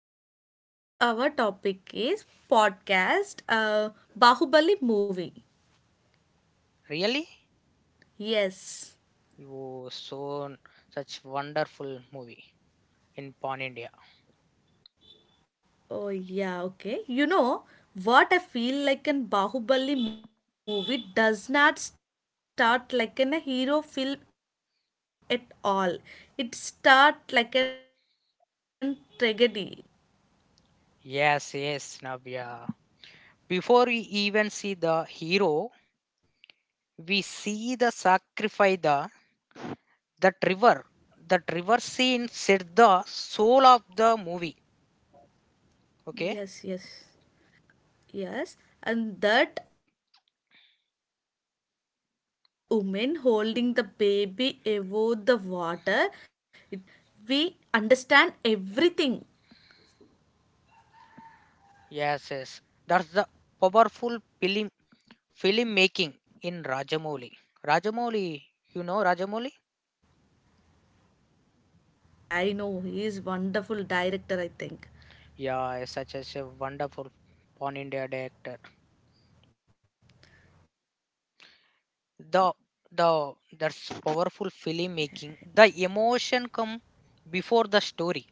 Yeah, today our topic is podcast Bahubali movie. Really? Yes. You so such wonderful movie in Pan India. Oh yeah, okay. You know what, I feel like in Bahubali movie does not start like in a hero film at all. It start like an tragedy. Yes, yes, Navya. Before we even see the hero, we see the sacrifice the that river. That river scene set the soul of the movie. Okay? Yes, yes. Yes, and that woman holding the baby above the water, it's a no dialogue, no explanations, and still we understand everything. Yes, yes. That's the powerful film making in Rajamouli. Rajamouli, you know Rajamouli? Yes, yes, I know. He is wonderful director, I think. Yeah, such as a wonderful Pan India director. The the that's powerful filmmaking. The emotion come before the story.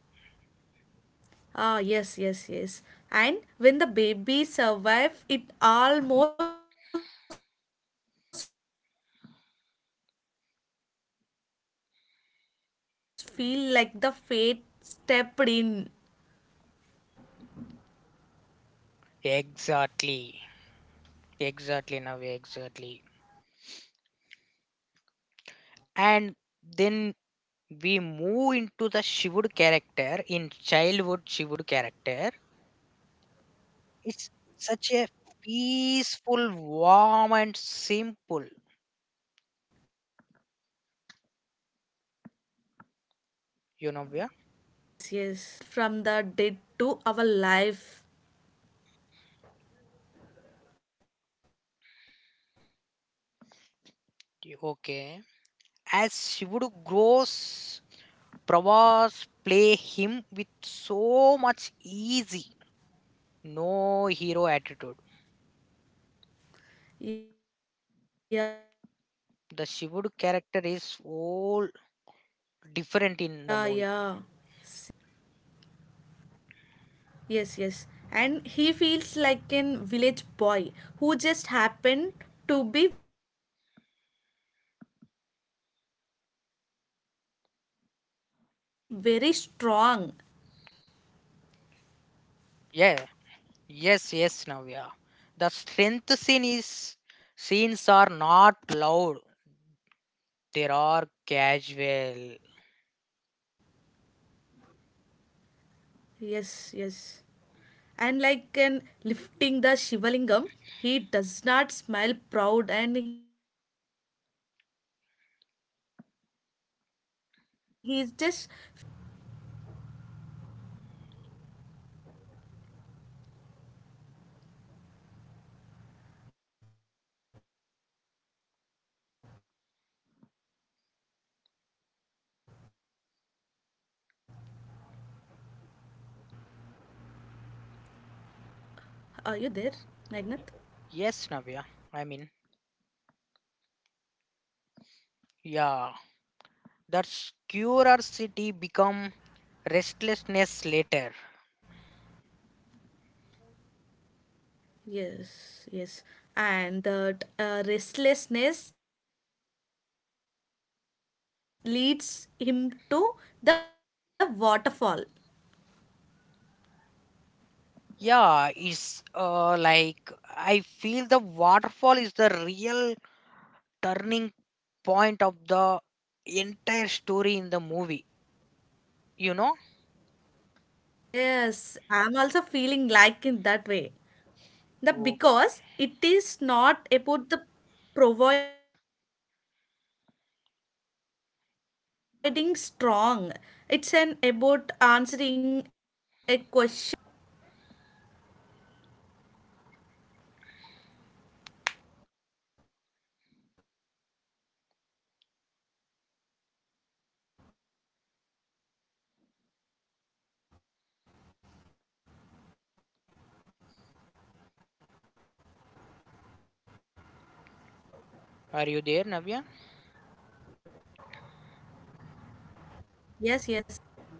Ah, yes, yes, yes. And when the baby survive, it almost feel like the fate stepped in. Exactly. Exactly now exactly. And then we move into the Shivudu character in childhood Shivudu character. It's such a peaceful, warm and simple, yeah. Yes, yes. And the contrast is important from the dead to our life. Okay. As Shivudu grows Pravas play him with so much easy, no hero attitude. The Shivudu character is all different Yeah, in the yeah. movie. Same. Yes, and he feels like an yes, yes. And he feels like an village boy who just happened to be very strong. Yeah, yes, yes, Navya. The strength scene Am is I correct? scenes are not loud. They are casual. Yes, yes. And like in lifting the Shivalingam, he does not smile proud and he just feel like is curious. Y- Yes, Navya. I mean, Are you there, Magnath? yeah. That curiosity become restlessness later. Yes, yes. And the restlessness leads him to the waterfall. Yeah, it's like I feel the waterfall is the real turning point of the entire story in the movie. You know? Yes, Okay. I'm also feeling like in that way. The because it is not about the providing strong, it's an about answering a question inside him. Are you there, Navya?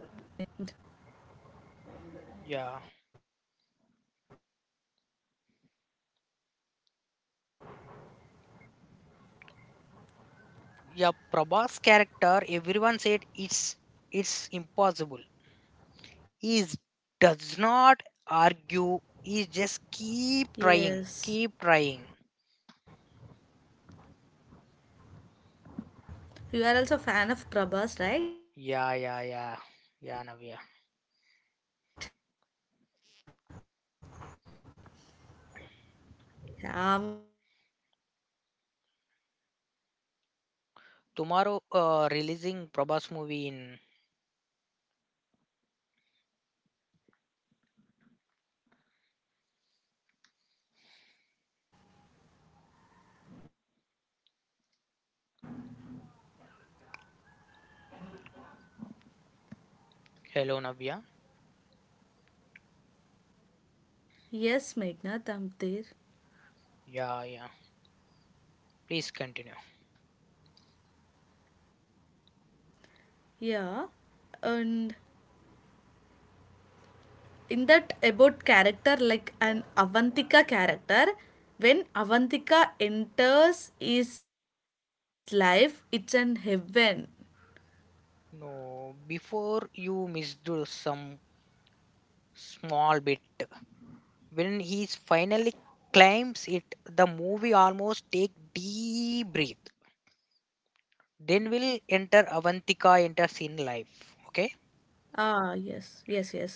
Yes, yes, yes, Magnath, I'm there. Yeah. Yeah, Prabha's character, everyone said it's impossible. He does not argue. He just keep Yes, trying, keep trying. you Yeah, are yeah, also fan yeah, of yeah, Prabhas, Navya. right? Yeah, I'm also same, and there's such a human trait. Tomorrow, releasing Prabha's movie in. Hello, Navya. Yes, Magnath, I'm there. Yeah, yeah. Please continue. Yeah, and in that about character like an Avantika character, when Avantika enters his life it's an heaven. No, before you missed some small bit. When he finally climbs it, the movie almost take deep breath. Then we'll enter Avantika enters in Yes, life. yes, Okay. yes.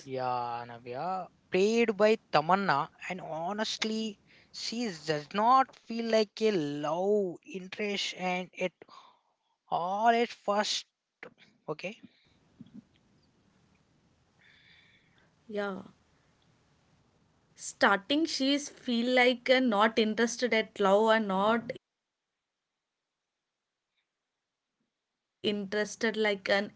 Yeah, Ah, Navya. yes, yes, Played by yes. Tamanna, and honestly, she does not feel like a love interest, and it all at first. Okay. Yeah, starting she is feel like an not interested at love and not interested like an anything, but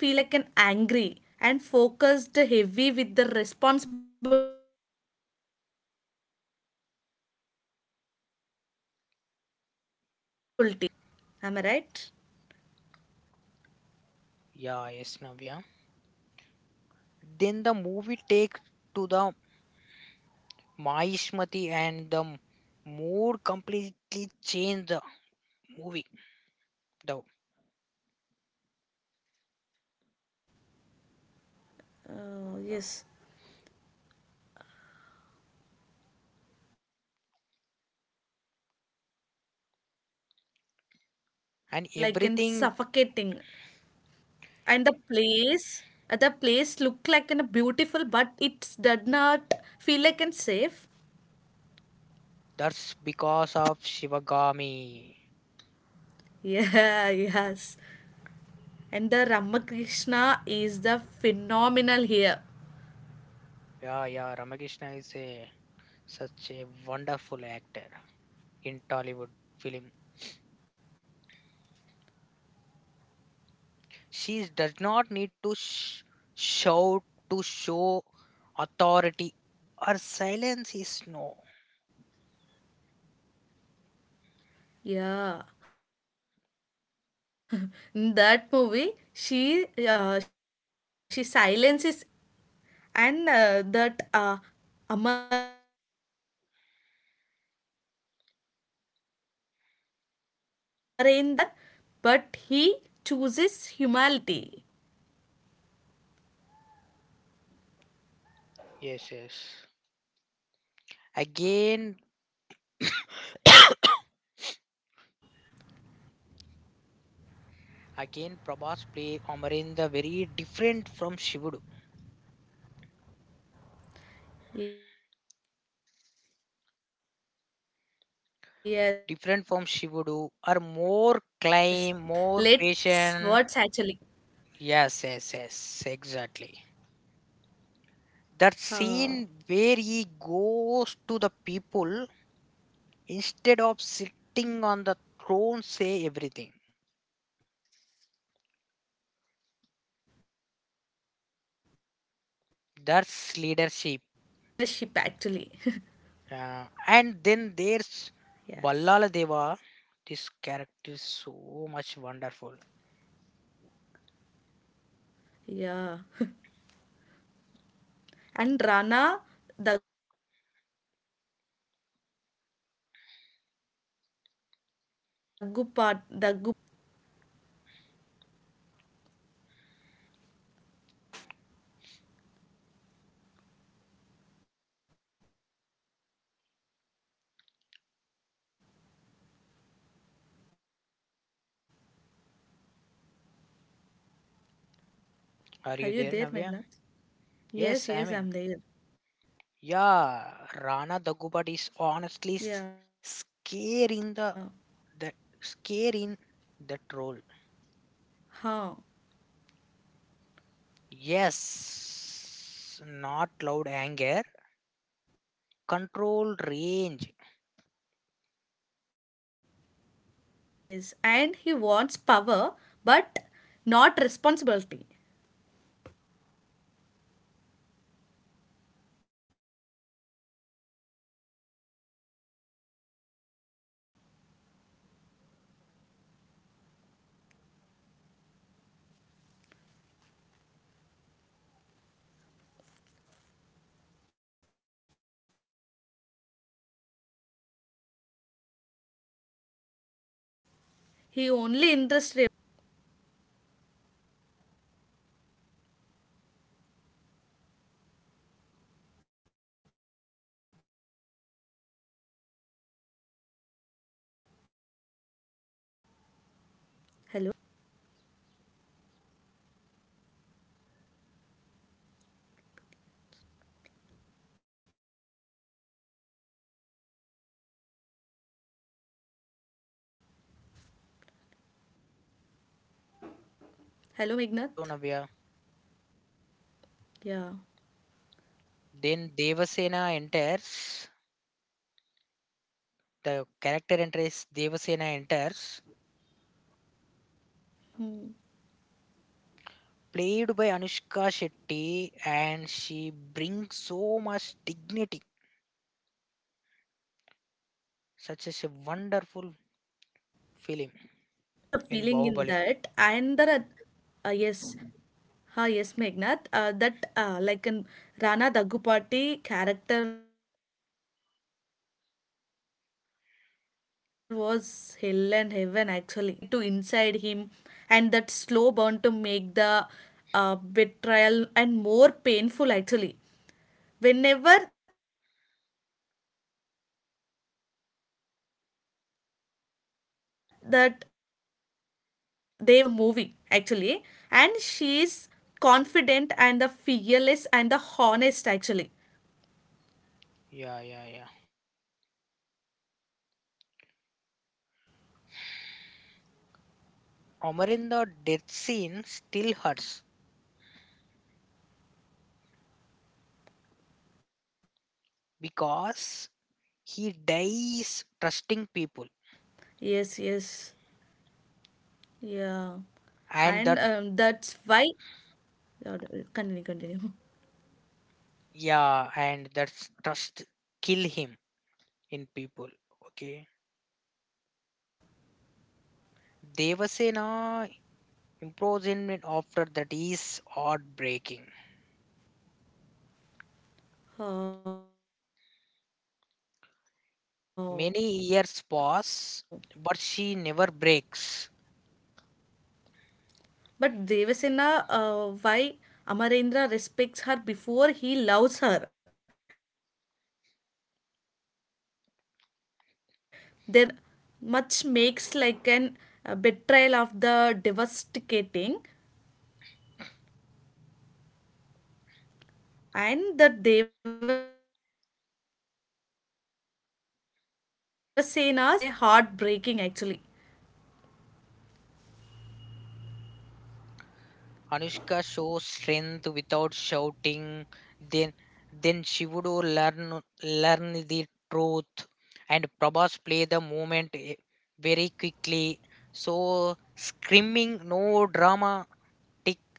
and like she's feel like an angry and focused, heavy with the responsibilities. Am I right? Yeah, yes, Navya. Then the movie takes to the Mahishmati and the mood completely changed the movie though. Oh, yes. And everything feels like an grand, and but also And it like everything an suffocating. And the place look like an beautiful, but it does not feel like an safe. that's because of Shivagami. Yeah, yes. And the Ramakrishna Yeah, is yeah, the Ramakrishna is a phenomenal here. such a wonderful actor in Tollywood film. She does not need to shout to show authority. Her silence is no. Yeah, in that movie, she silences enough actually. and that Amarendra Bahubali grows up as surrounded by the power, but he chooses humility. Yes, yes. Again, Again, Prabhas play Amarinda very different from Shivudu. Yes, and the Different from more Shivudu calm are and more more climb, patience and more patient. let's words actually. Yes, yes, yes, exactly. That scene where he goes to the people Uh, instead of sitting on the throne, say everything. That's that leadership. is the leadership actually. And then there's Ballala Deva. yes. This character is so much wonderful. Yeah. And Rana Daggubati is honestly scary in the role. Are you there, Navya? Yes, I mean. Are you Yeah, there, Meghna? Rana Dagubad is Yes, honestly yes, I'm there. scare in Yeah. the that scare in that Ah, role. Yes, huh. not loud anger, controlled range. Yes, yes. And he wants power, but not He responsibility. he wants power, but not responsibility. He wants not love, obedience, and He jealousy only grows interested about slowly that inside power him. only. That slow burn makes to the betrayal more painful. Hello, Meghnath? Then next character enter, then Devasena enters. Navya, are you there? Hello, hello, Navya. Hello, Meghnath? Then Devasena enters. Yeah. The character enter is Devasena enters, played by Anushka Shetty, Hmm. and she brings so much dignity, such as a wonderful film in Yes, Bahubali. yes. I'm also feeling in that. And there are, yes, ha, yes, Meghnad, that like in Rana Daggupati character was hell and heaven actually. And he feel like jealousy to grow up slowly to inside him, and that slow burn to make the betrayal and more painful actually. Whenever that Devasena enters, it's, a, it's like an turning of the movie actually, and she is confident and the fearless and the honest actually. Yeah, yeah, yeah. Amarinda death scene still hurts because he Yes, yes. dies trusting people. And that, Yeah. And that's why yeah, continue, continue. yeah, and that trust kill him in people. Okay. Devasena imprisonment after that is heartbreaking. Oh, Many years the pass that's why. but she never breaks. But Devasena, why Amarendra respects her before he loves her. Their love feels like an equal or the dramatic, and much makes like an betrayal of the devastating, and the Devasena's imprisonment after it is a heartbreaking actually. Anushka shows strength without shouting. Then, then, she would learn learn the truth, and Prabhas play the movement very quickly. So screaming, no dramatic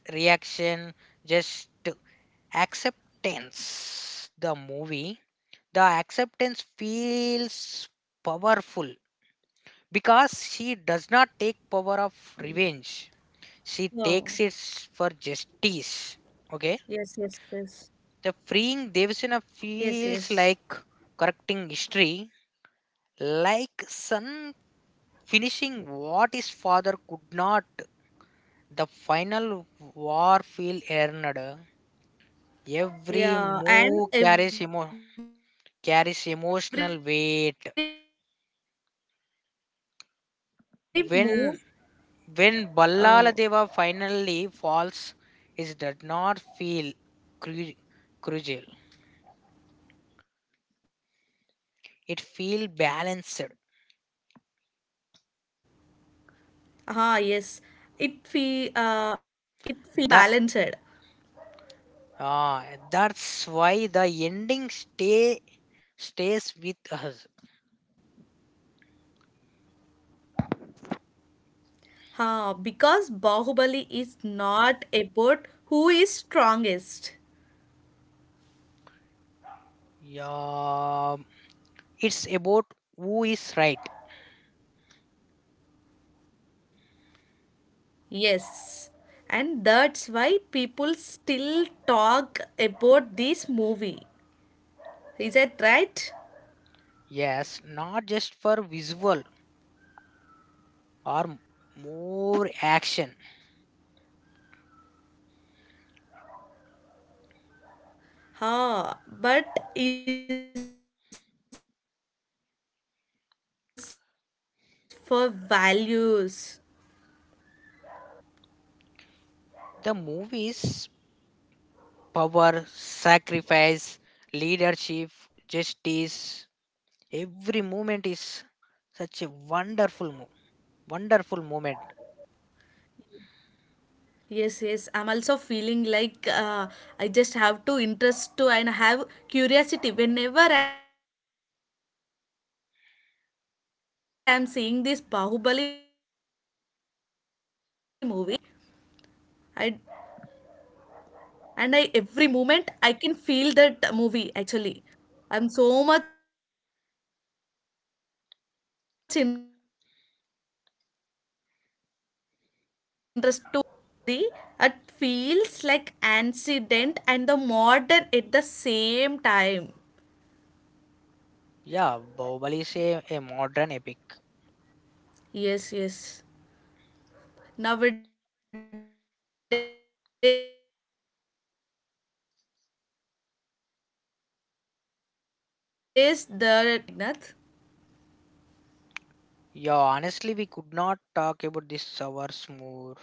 reaction, just acceptance. The movie, the acceptance feels powerful because she does not Wow. take power of revenge, she takes it Yes, for yes, yes. justice. Okay, Yes, the yes. freeing Devasena feels like correcting history, like son finishing what his father could not. The final war feel earned. Every Yeah, move carries and carries every move emotional carries weight. of the emotional weight. Uh, When when Ballaladeva finally falls, it does not feel cru- cruel. ah, yes, it feel It feels it balanced. feels balanced. Yes, yes, it feels like an balanced. That that's why the ending stays with us. Ah, because Bahubali is not about who is strongest. Yeah, it's about who is right. Yes, and that's why people still talk about this movie. Is that right? Yes, not just for visual or more action. Ha, but is for values. The movies power, sacrifice, leadership, justice. Every moment is such a wonderful, wonderful moment. Yes, yes. I'm also feeling like I just have to interest to and have curiosity. Whenever I'm seeing this Bahubali movie, I just feel like and I just watch it like an curiosity. I I every moment I can feel that movie actually. I'm so much interested to watch this Bahubali movie. That story, it Yeah, feels Bahubali is like a modern epic. ancient and the modern at the same time. Yes, yes. Nowadays the this type of movies is a rare. Do you Yeah, agree, Meghnad? honestly, we could not talk about this hours more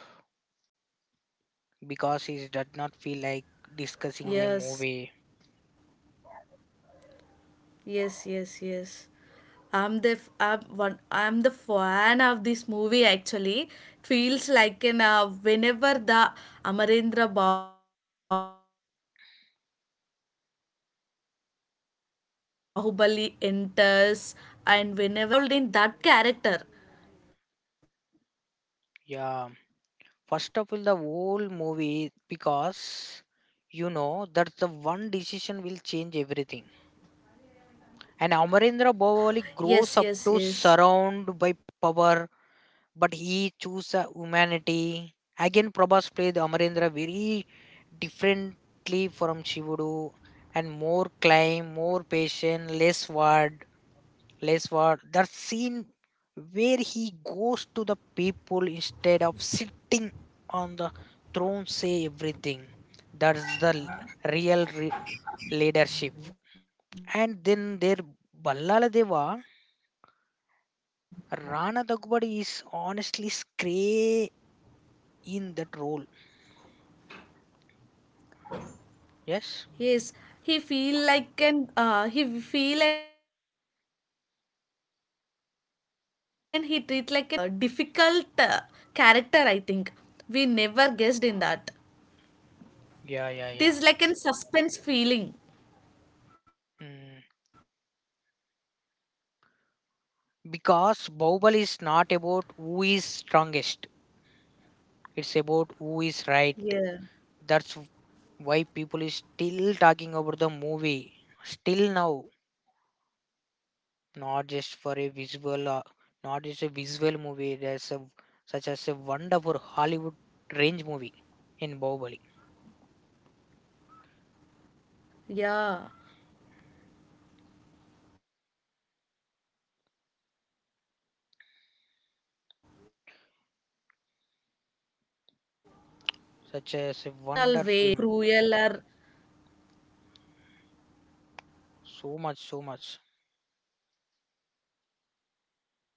because it did not feel like discussing a movie. Yes, yes, yes, yes. I'm one. I'm the fan of this movie. Actually, it feels like an whenever the Amarendra Bahubali enters and whenever the Avantika enters, that characters, I feel like an, I'm involved in that character. Yeah, first of all, the whole movie because you know that's the one decision will change everything. And Amarendra Yes, Bhavali yes, grows yes. up to surround by power, but he choose a humanity. Again, Prabhas played Amarendra very differently from Shivudu and more climb, more patient, less word place where the scene where he goes to the people instead of sitting on the throne, say everything. That's the real leadership. And then there Ballala Deva. Rana Dagbadi is honestly scray in that role. Yes. Yes, he feel like an he feel and he treat like an goodbye, but inner he have very difficult character. I think we never guessed in that. Yeah, yeah, yeah. It is like an suspense feeling, Mm. Because Bahubali is not and about that who is strongest, it's about who is right. yeah, That's why people is still talking about the movie still now, not just for a yes, yes, visual, yes, not just a visual movie. There's a such as a wonderful Hollywood range movie in Bahubali. yeah, and it's an every move carries like an emotional weight. Like a finally Such as a falls, it does not wonderful. feel like a cruel, or So much, so much. that's why ending stays with us.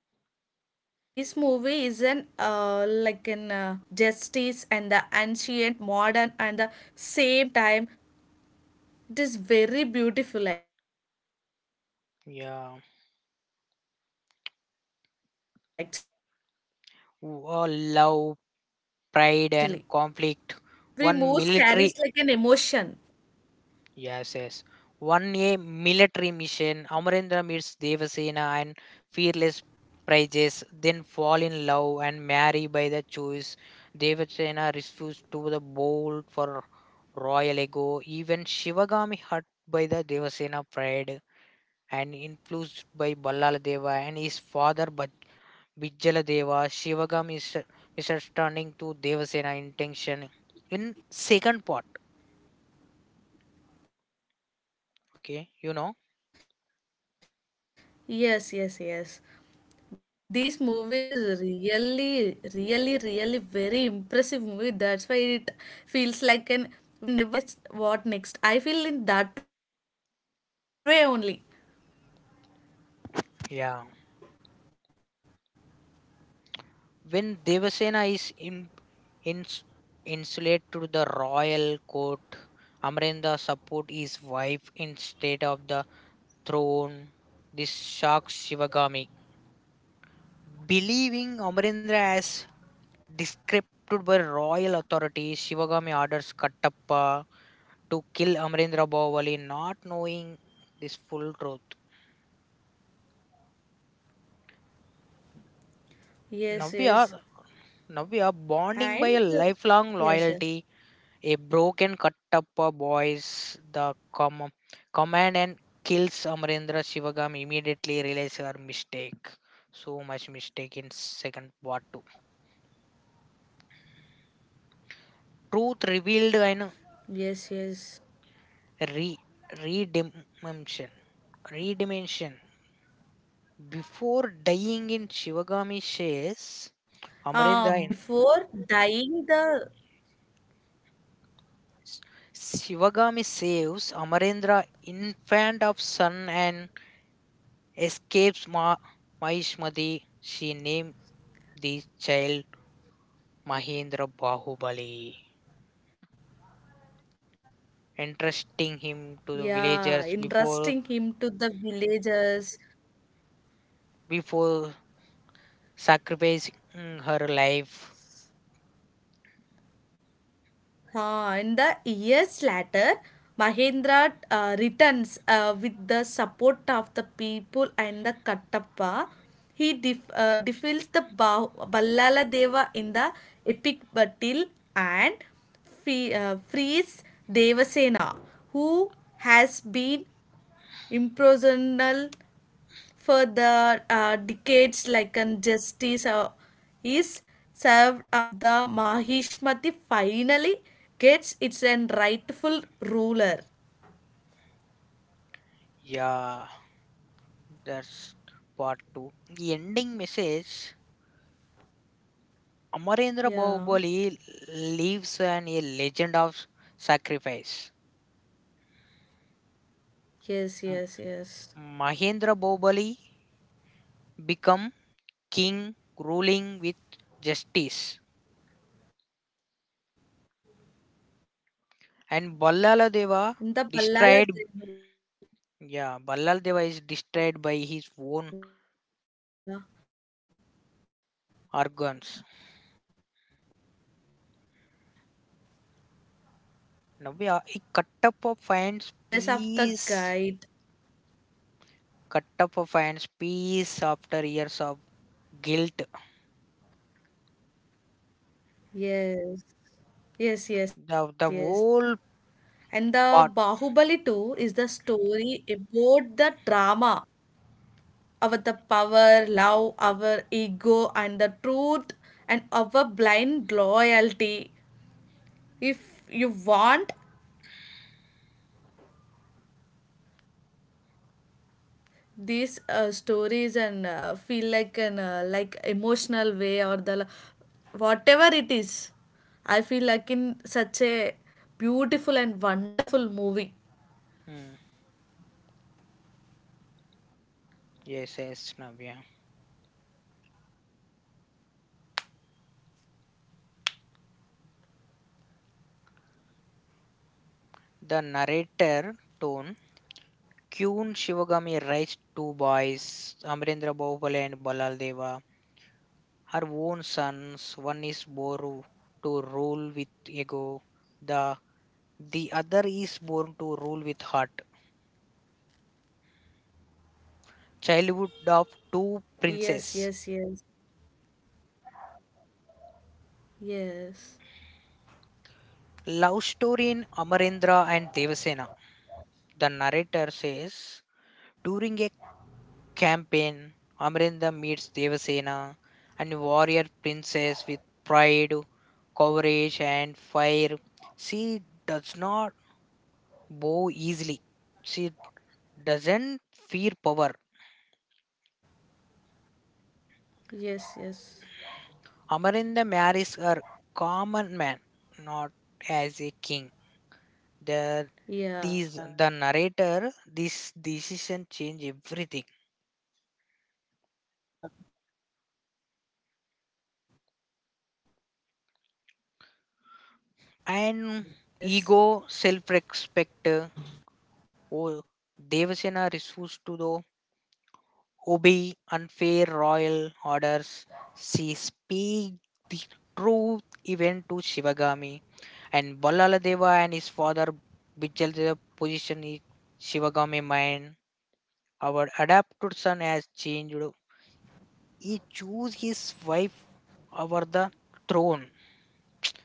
Actually, this movie is an like an sacrifices, leaderships, and the justice, and the ancient, modern, and the same time. It is very beautiful actually, Yeah. Love pride and and conflict. every One move carries military. like an emotion. Yes, yes. 1A military mission, Amarendra meets Devasena and fearless prizes, then fall in love and marry by the choice. Devasena refused to the bowl for royal ego. Even Shivagami hurt by the Devasena pride and influenced by Ballaladeva and his father Bijjaladeva. Shivagami is misunderstanding to Devasena intention in second part. Okay, Yes, yes, yes. This movie is really, really, really very impressive movie. That's why it feels like an whenever I see this movie, it's feel like an what next, what next, what next. I feel in that way only. yeah. When Devasena is in, ins insulated to the royal court, Amrenda support his wife instead of the throne. This shocks Shivagami. Believing Amarendra as discredited by royal authority, Shivagami orders Kattappa to kill Amarendra Bahubali, not knowing this full truth. Navya, Yes, bonding by yes. a lifelong loyalty. And A broken yes, yes. Kattappa boys the command and kills Amarendra. Shivagam immediately realizes her mistake. So much mistake in second part two. Truth revealed and Yes, yes. re redimension. Redimension. Before dying in Shivagami shares, Ah, before Amarendra in dying the Shivagami saves Amarendra infant of son and escapes Mahishmati. She named the child Mahendra Bahubali, entrusting him to the yeah, villagers entrusting him to the villagers. before sacrificing her life. In the years later, Mahendra returns with the support of the people and the Kattappa. He defeats the Ballala Deva in the epic battle and frees Devasena, who has been imprisoned for the decades, like and justice is served of the Mahishmati, finally gets its an rightful ruler. Yeah, that's part two. The ending message, Amarendra Bahubali Yeah, leaves a legend of sacrifice. yes, yes, M- yes, Mahendra Bahubali become king ruling with justice, and Ballala yes. Deva destroyed. In the Ballala Yeah, Devula, Ballal Deva is destroyed by his own organs. and Navya, Kattappa he finds like a Kattappa piece finds after the years of peace. the guide. Kattappa finds peace after years of guilt. Yes, yes, yes, yes. The And whole the Bahubali too is part. the story about the drama, our the power, love, our ego, and the truth, and our blind loyalty. If you want these stories and feel like an like emotional way, or the whatever it is, I feel like in such a beautiful and wonderful movie. Hmm. Yes, yes, Navya. The narrator tone. Kyun Shivagami raised two boys, Amrendra Bahubali and Ballal Deva, her own sons. One is born to rule with ego. The the other is born to rule with heart. Childhood of two Yes, princes. yes, yes, yes, Love story in Amarendra and Devasena. The narrator says during a campaign, Amarendra meets Devasena, a warrior princess with pride, courage, and fire. She does not bow easily. She doesn't fear power. yes, yes. Amarendra marries her common man, not as a king. That, these, the Yeah. narrator, this decision change everything. Yes, yes, yes. And ego self-respect, oh, Devasena refused to though obey unfair royal orders. She speak the truth even to Shivagami and Balaladeva and his father Bijal. The position is Shivagami mind, our adopted son has changed, he chose his wife over the throne.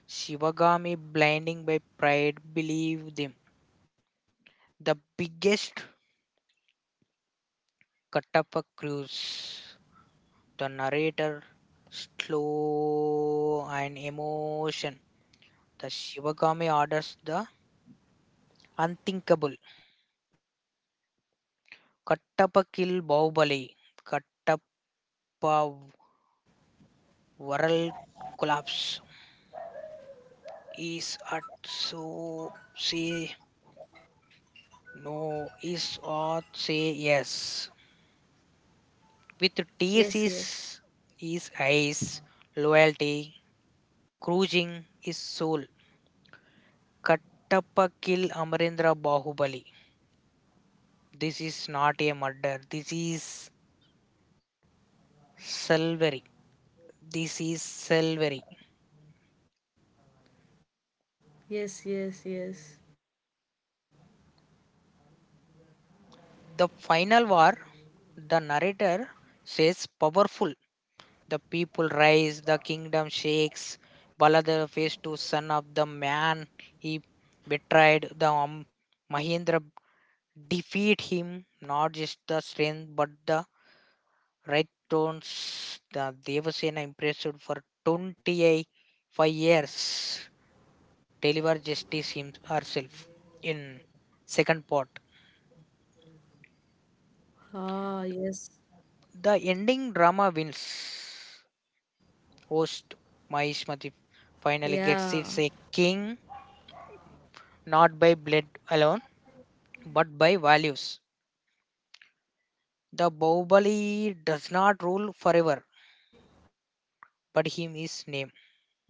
Shivagami blinding by pride, believe them. The biggest Yeah, yeah. It's so sad about that. Kattapa cruise. The narrator slow and emotion. The Shivagami orders the unthinkable. Kattapa Yes, kill yes, Bahubali. yes. Kattapa world collapse. Is at so say no. Is or say yes. With tears is Yes, yes. Eyes, loyalty cruising is soul. Kattappa kill Amarendra Bahubali. This is not a murder. This is salvery. This is salvery. Yes, yes, yes. The final war, the narrator says powerful. The people rise, the kingdom shakes. Baladev is to son of the man he betrayed. The Mahendra defeat him, not just the strength but the Red Tones. The Devasena impressed for 25 years, deliver justice him, herself in second part. Ah, yes. The ending Yeah. drama wins. Host Mahishmati finally gets its a king, not by blood alone, but by values. Yes. The Bahubali does Yes, not rule yes. forever, but him is name.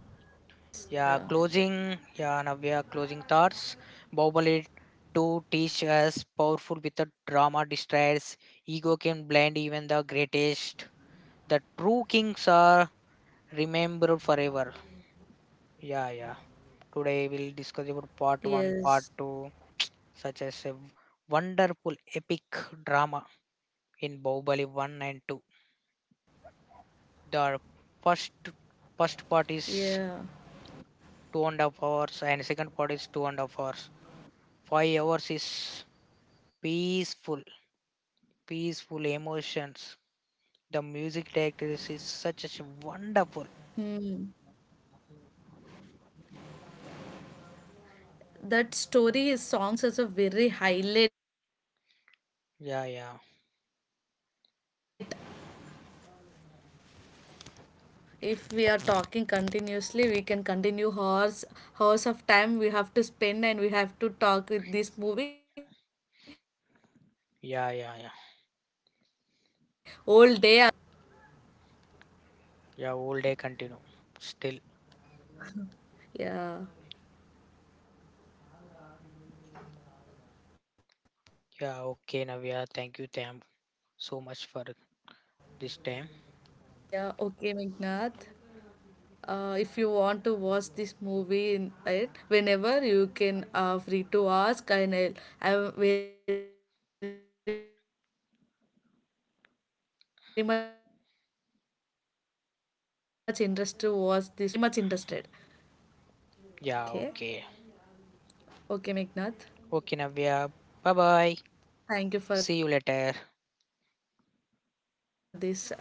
Yeah. Yeah, closing, yeah, Navya, closing thoughts. Bahubali 2 teach us powerful without drama distracts. Ego can blind even the greatest. The true kings are remembered forever. Yeah, yeah. Today we'll discuss about Yes. part 1, part 2, such as a wonderful epic drama in Bahubali 1 and 2. The first Yeah. first part is 2.5 hours and second part is 2.5 hours. 5 hours is peaceful, peaceful emotions. The music director is such a Hmm. wonderful. That story is songs is a very highlight. Yeah, yeah, If we are talking continuously, we can continue hours, of time we have to spend, and we have to talk with this movie all day also. yeah, yeah, yeah. Yeah, all day continue. Still. Yeah. Yeah, okay, Navya. Thank you, Tam, so much for Okay. this time. Yeah, okay, Meghnath. If you want to watch this movie in it, whenever you can free to ask and I'll, I'm very much interested to watch this movie, and want to talk this movie, and whatever it is I'm very much interested. Okay. Okay, Yeah, Meghnath, okay. Okay, thank you for Navya. this Bye bye. wonderful time. See you later. Bye bye. Okay.